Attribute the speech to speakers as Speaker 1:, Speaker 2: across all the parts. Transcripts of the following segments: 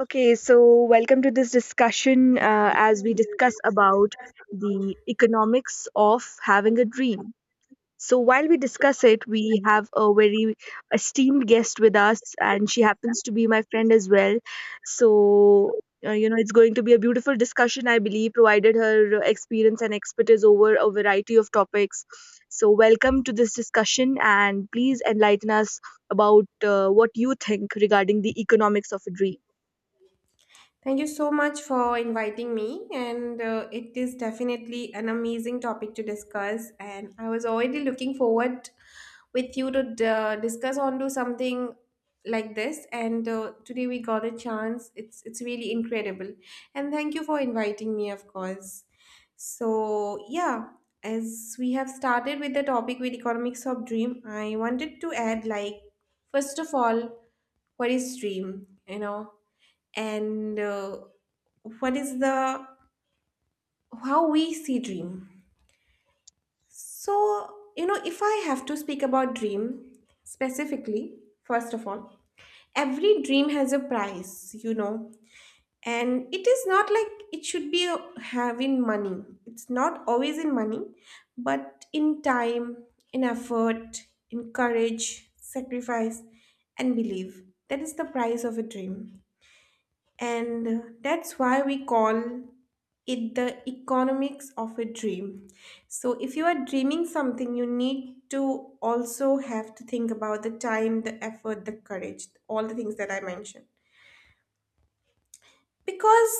Speaker 1: Okay, so welcome to this discussion as we discuss about the economics of having a dream. So while we discuss it, we have a very esteemed guest with us, and she happens to be my friend as well. So it's going to be a beautiful discussion, I believe, provided her experience and expertise over a variety of topics. So welcome to this discussion, and please enlighten us about what you think regarding the economics of a dream.
Speaker 2: Thank you so much for inviting me, and it is definitely an amazing topic to discuss. And I was already looking forward with you to discuss onto something like this. And today we got a chance. It's really incredible, and thank you for inviting me, of course. So yeah, as we have started with the topic with economics of dream, I wanted to add like first of all, what is dream? You know and what is the how we see dream, so you know, if I have to speak about dream specifically, first of all, every dream has a price, you know, and it is not like it should be having money. It's not always in money, but in time, in effort, in courage, sacrifice, and belief. That is the price of a dream. And that's why we call it the economics of a dream. So, if you are dreaming something, you need to also have to think about the time, the effort, the courage, all the things that I mentioned, because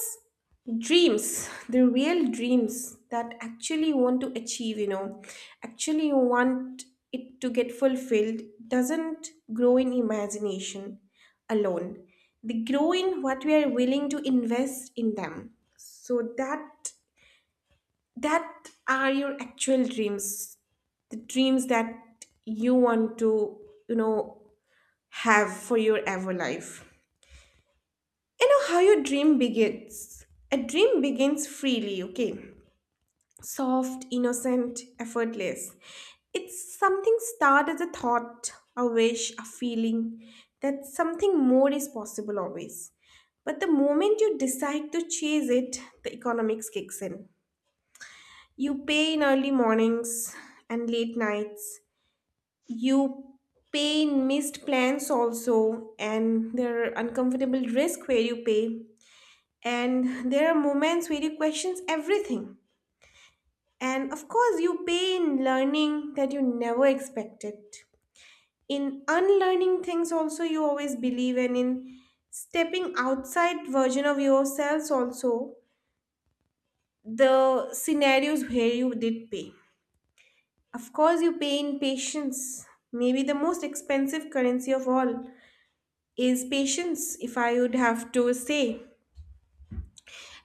Speaker 2: dreams, the real dreams that actually you want to achieve, you know, actually you want it to get fulfilled, doesn't grow in imagination alone. They grow in what we are willing to invest in them. So that, that are your actual dreams, the dreams that you want to, you know, have for your ever life. You know how your dream begins? A dream begins freely, okay? Soft, innocent, effortless. It's something start as a thought, a wish, a feeling, that something more is possible, always. But the moment you decide to chase it, the economics kicks in. You pay in early mornings and late nights. You pay in missed plans also, and there are uncomfortable risk where you pay, and there are moments where you questions everything, and of course you pay in learning that you never expected, in unlearning things also you always believe, and in stepping outside version of yourselves also. The scenarios where you did pay, of course, you pay in patience. Maybe the most expensive currency of all is patience, if I would have to say.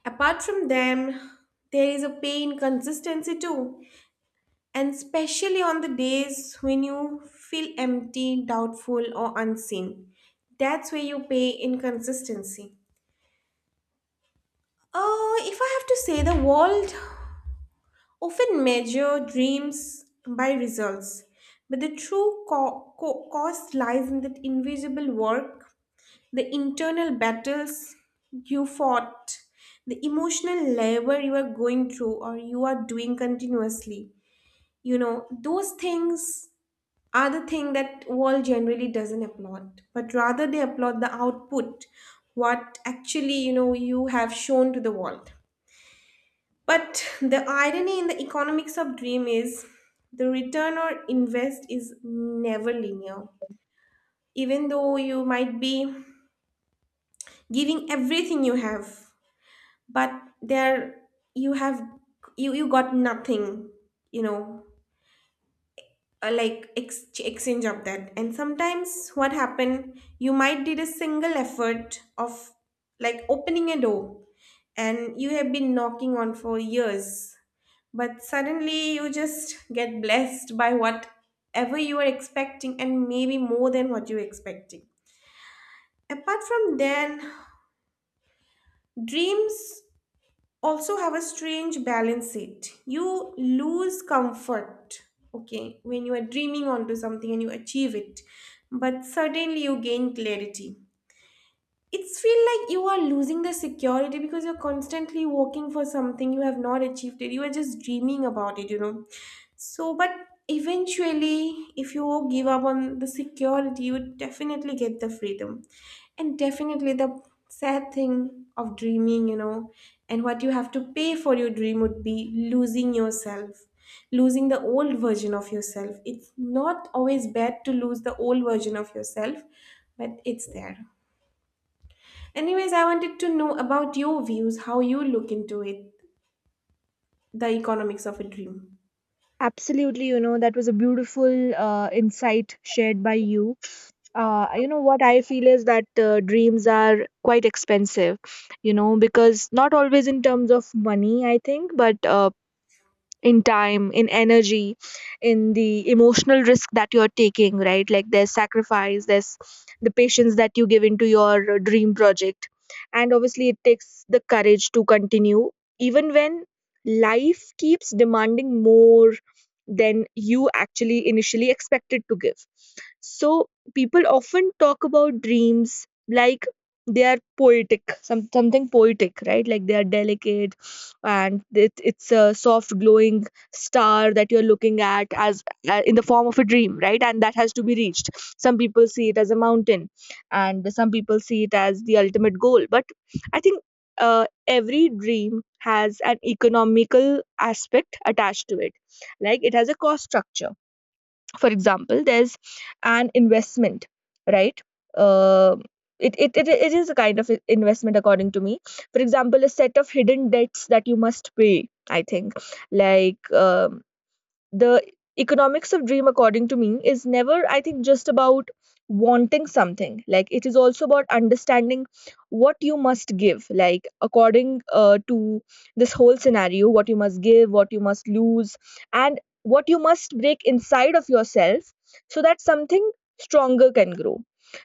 Speaker 2: Apart from them, there is a pay in consistency too. And especially on the days when you feel empty, doubtful, or unseen. That's where you pay inconsistency. If I have to say, the world often measure dreams by results, but the true cost lies in that invisible work, the internal battles you fought, the emotional labor you are going through or you are doing continuously. You know, those things are the thing that world generally doesn't applaud, but rather they applaud the output, what actually, you know, you have shown to the world. But the irony in the economics of dream is the return or invest is never linear. Even though you might be giving everything you have, but there you have, you got nothing, you know, like exchange of that. And sometimes what happen, you might did a single effort of like opening a door, and you have been knocking on for years, but suddenly you just get blessed by whatever you are expecting, and maybe more than what you're expecting. Apart from then, dreams also have a strange balance. It, you lose comfort, okay, when you are dreaming onto something and you achieve it, but suddenly you gain clarity. It's feel like you are losing the security, because you're constantly working for something you have not achieved it, you are just dreaming about it, you know. So but eventually, if you give up on the security, you would definitely get the freedom. And definitely the sad thing of dreaming, you know, and what you have to pay for your dream would be losing yourself, losing the old version of yourself. It's not always bad to lose the old version of yourself, but it's there. Anyways, I wanted to know about your views, how you look into it, the economics of a dream.
Speaker 1: Absolutely, you know, that was a beautiful insight shared by you. What I feel is that dreams are quite expensive, you know, because not always in terms of money, I think, but in time, in energy, in the emotional risk that you're taking, right? Like, there's sacrifice, there's the patience that you give into your dream project, and obviously it takes the courage to continue even when life keeps demanding more than you actually initially expected to give. So people often talk about dreams like they are poetic, something poetic, right? Like, they are delicate and it's a soft glowing star that you're looking at as in the form of a dream, right? And that has to be reached. Some people see it as a mountain, and some people see it as the ultimate goal. But I think every dream has an economical aspect attached to it. Like, it has a cost structure. For example, there's an investment, right? Uh, it, it, it, it is a kind of investment according to me. For example, a set of hidden debts that you must pay, I think. like um, the economics of dream according to me is never, I think, just about wanting something. Like, it is also about understanding what you must give, like according to this whole scenario, what you must give, what you must lose, and what you must break inside of yourself so that something stronger can grow.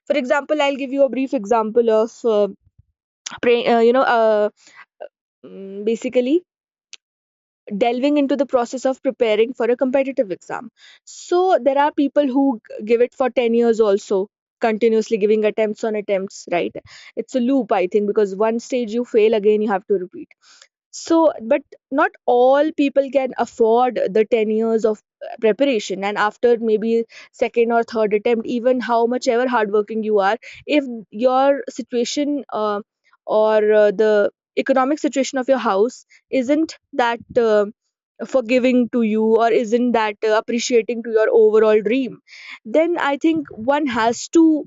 Speaker 1: For example, I'll give you a brief example of pray, you know mm, basically delving into the process of preparing for a competitive exam. So there are people who give it for 10 years also, continuously giving attempts on attempts, right? It's a loop, I think, because one stage you fail, again you have to repeat. So, but not all people can afford the 10 years of preparation. And after maybe second or third attempt, even how much ever hardworking you are, if your situation or the economic situation of your house isn't that forgiving to you or isn't that appreciating to your overall dream, then I think one has to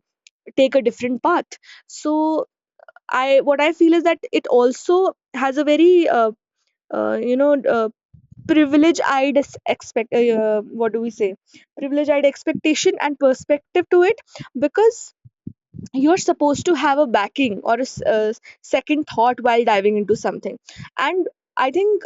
Speaker 1: take a different path. So, I what I feel is that it also has a very uh, you know uh, privilege eyed expect what do we say privilege eyed expectation and perspective to it, because you're supposed to have a backing or a second thought while diving into something. And I think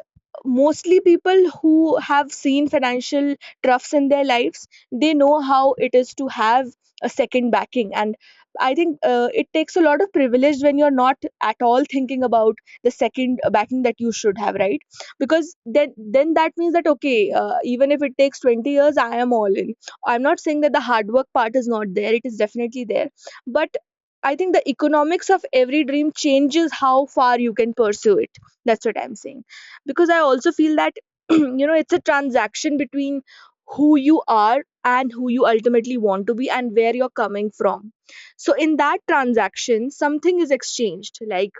Speaker 1: mostly people who have seen financial troughs in their lives, they know how it is to have a second backing. And I think it takes a lot of privilege when you're not at all thinking about the second backing that you should have, right? Because then that means that, okay, even if it takes 20 years, I am all in. I'm not saying that the hard work part is not there, it is definitely there. But I think the economics of every dream changes how far you can pursue it. That's what I'm saying. Because I also feel that, you know, it's a transaction between who you are and who you ultimately want to be and where you're coming from. So, in that transaction, something is exchanged. Like,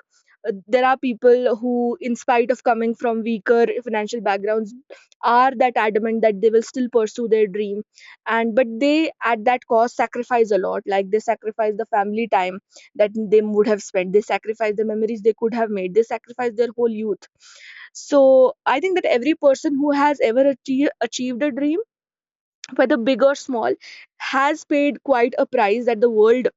Speaker 1: there are people who, in spite of coming from weaker financial backgrounds, are that adamant that they will still pursue their dream. And but they, at that cost, sacrifice a lot. Like, they sacrifice the family time that they would have spent, they sacrifice the memories they could have made, they sacrifice their whole youth. So I think that every person who has ever achieved a dream, whether big or small, has paid quite a price that the world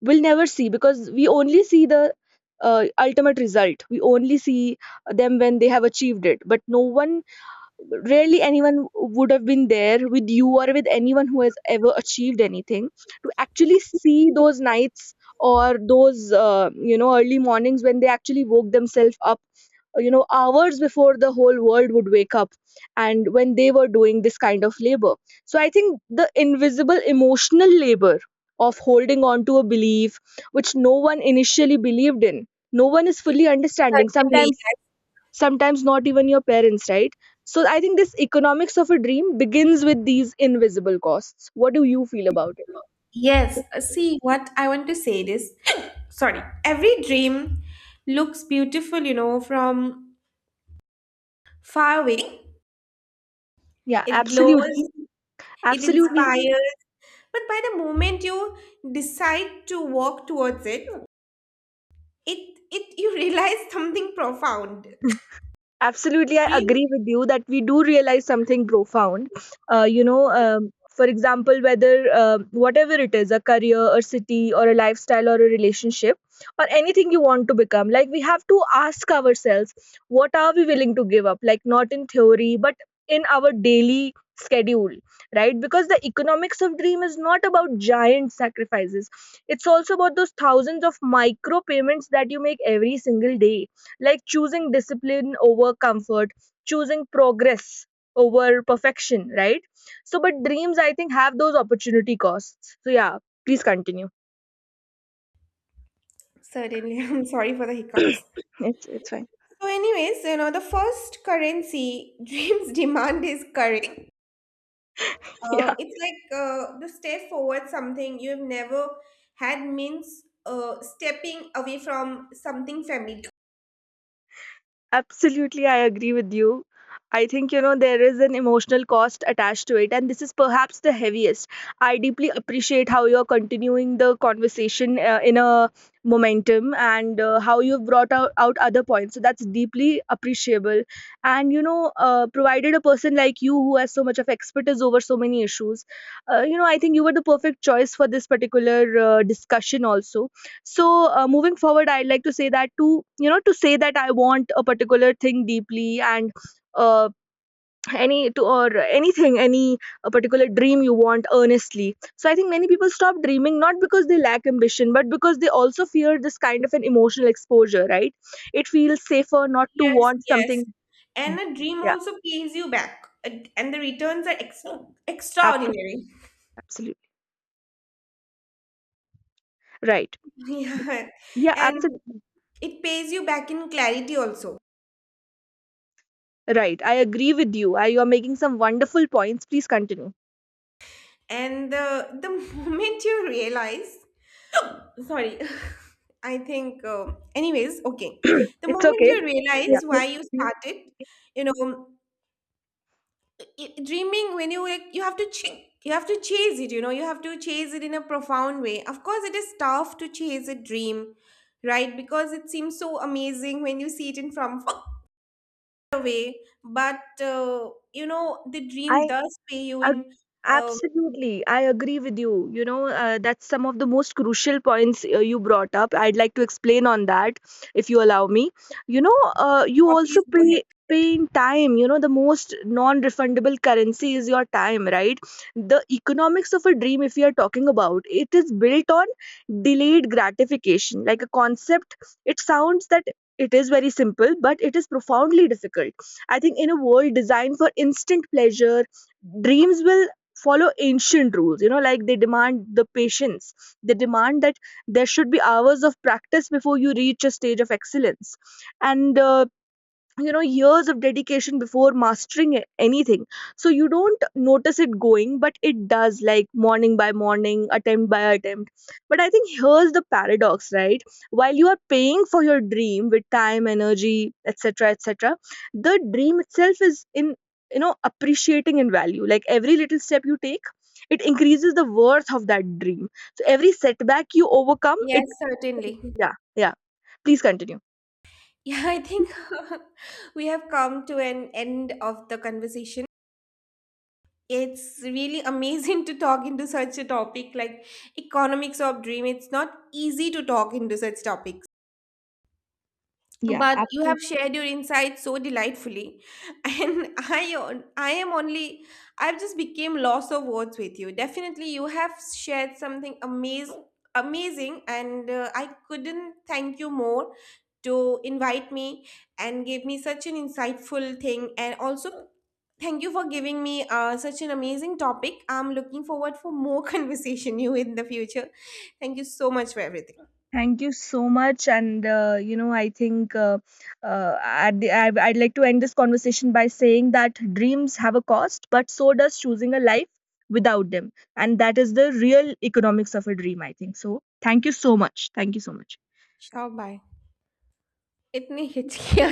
Speaker 1: we'll never see, because we only see the ultimate result. We only see them when they have achieved it, but no one, rarely anyone, would have been there with you or with anyone who has ever achieved anything to actually see those nights or those early mornings when they actually woke themselves up hours before the whole world would wake up and when they were doing this kind of labor. So I think the invisible emotional labor of holding on to a belief which no one initially believed in, no one is fully understanding
Speaker 2: Certainly.
Speaker 1: sometimes, sometimes not even your parents, right? So I think this economics of a dream begins with these invisible costs. What do you feel about it?
Speaker 2: Yes. See, what I want to say is, sorry, every dream looks beautiful, you know, from far away.
Speaker 1: Yeah,
Speaker 2: It
Speaker 1: absolutely,
Speaker 2: glows, it
Speaker 1: absolutely.
Speaker 2: inspires. But by the moment you decide to walk towards it, you realize something profound.
Speaker 1: Absolutely, I
Speaker 2: Dream.
Speaker 1: agree with you that we do realize something profound. For example, whether whatever it is, a career, a city, or a lifestyle, or a relationship, or anything you want to become, like, we have to ask ourselves, what are we willing to give up? Like, not in theory, but in our daily schedule, right? Because the economics of dream is not about giant sacrifices, it's also about those thousands of micro payments that you make every single day, like choosing discipline over comfort, choosing progress over perfection, right? So, but dreams, I think, have those opportunity costs. So, yeah, please continue.
Speaker 2: Certainly, I'm sorry for the hiccups.
Speaker 1: It's fine.
Speaker 2: So, anyways, you know, the first currency dreams demand is courage. It's like the step forward something you've never had means stepping away from something familiar.
Speaker 1: Absolutely, I agree with you. I think, you know, there is an emotional cost attached to it, and this is perhaps the heaviest. I deeply appreciate how you're continuing the conversation in a momentum and how you've out other points. So that's deeply appreciable. And, you know, provided a person like you who has so much of expertise over so many issues, I think you were the perfect choice for this particular discussion also. So, moving forward, I'd like to say that, I want a particular thing deeply and uh, any to or anything any a particular dream you want earnestly. So I think many people stop dreaming not because they lack ambition, but because they also fear this kind of an emotional exposure. Right? It feels safer not to
Speaker 2: Yes,
Speaker 1: want
Speaker 2: yes.
Speaker 1: something.
Speaker 2: And a dream
Speaker 1: Yeah,
Speaker 2: also pays you back, and the returns are
Speaker 1: absolutely,
Speaker 2: extraordinary.
Speaker 1: absolutely right.
Speaker 2: Yeah.
Speaker 1: Yeah,
Speaker 2: And
Speaker 1: absolutely
Speaker 2: it pays you back in clarity also.
Speaker 1: right. I agree with you. You are making some wonderful points. Please continue.
Speaker 2: And the moment you realize. Sorry. I think, anyways, okay. The
Speaker 1: It's
Speaker 2: moment
Speaker 1: okay.
Speaker 2: you
Speaker 1: Yeah.
Speaker 2: realize why you started, you know, dreaming when you like, you have to you have to chase it. You know, you have to chase it in a profound way. Of course, it is tough to chase a dream, right? Because it seems so amazing when you see it in from far away. But you know, the dream
Speaker 1: I
Speaker 2: does pay you
Speaker 1: ag-
Speaker 2: in. Um,
Speaker 1: Absolutely, I agree with you. You know, that's some of the most crucial points you brought up. I'd like to explain on that if you allow me. You know, you
Speaker 2: so
Speaker 1: also
Speaker 2: please go ahead.
Speaker 1: pay in time. You know, the most non-refundable currency is your time, right? The economics of a dream, if we are talking about it, is built on delayed gratification. Like, a concept, it sounds that it is very simple, but it is profoundly difficult. I think in a world designed for instant pleasure, dreams will follow ancient rules. You know, like, they demand the patience, they demand that there should be hours of practice before you reach a stage of excellence, and years of dedication before mastering anything. So you don't notice it going, but it does, like morning by morning, attempt by attempt. But I think here's the paradox, right? While you are paying for your dream with time, energy, etc., etc., the dream itself is in, you know, appreciating in value. Like, every little step you take, it increases the worth of that dream. So every setback you overcome
Speaker 2: Yes,
Speaker 1: it.
Speaker 2: certainly.
Speaker 1: Yeah, yeah, please continue.
Speaker 2: Yeah, I think we have come to an end of the conversation. It's really amazing to talk into such a topic like economics of dream. It's not easy to talk into such topics,
Speaker 1: Yeah,
Speaker 2: but you have
Speaker 1: absolutely.
Speaker 2: shared your insights so delightfully, and I am only, I've just became loss of words with you. Definitely, you have shared something amazing, amazing, and I couldn't thank you more to invite me and gave me such an insightful thing, and also thank you for giving me such an amazing topic. I'm looking forward for more conversation you in the future. Thank you so much for everything.
Speaker 1: Thank you so much. And, I think at I'd like to end this conversation by saying that dreams have a cost, but so does choosing a life without them. And that is the real economics of a dream, I think. So, thank you so much. Thank you so much.
Speaker 2: Sure, bye. इतनी हिचकियाँ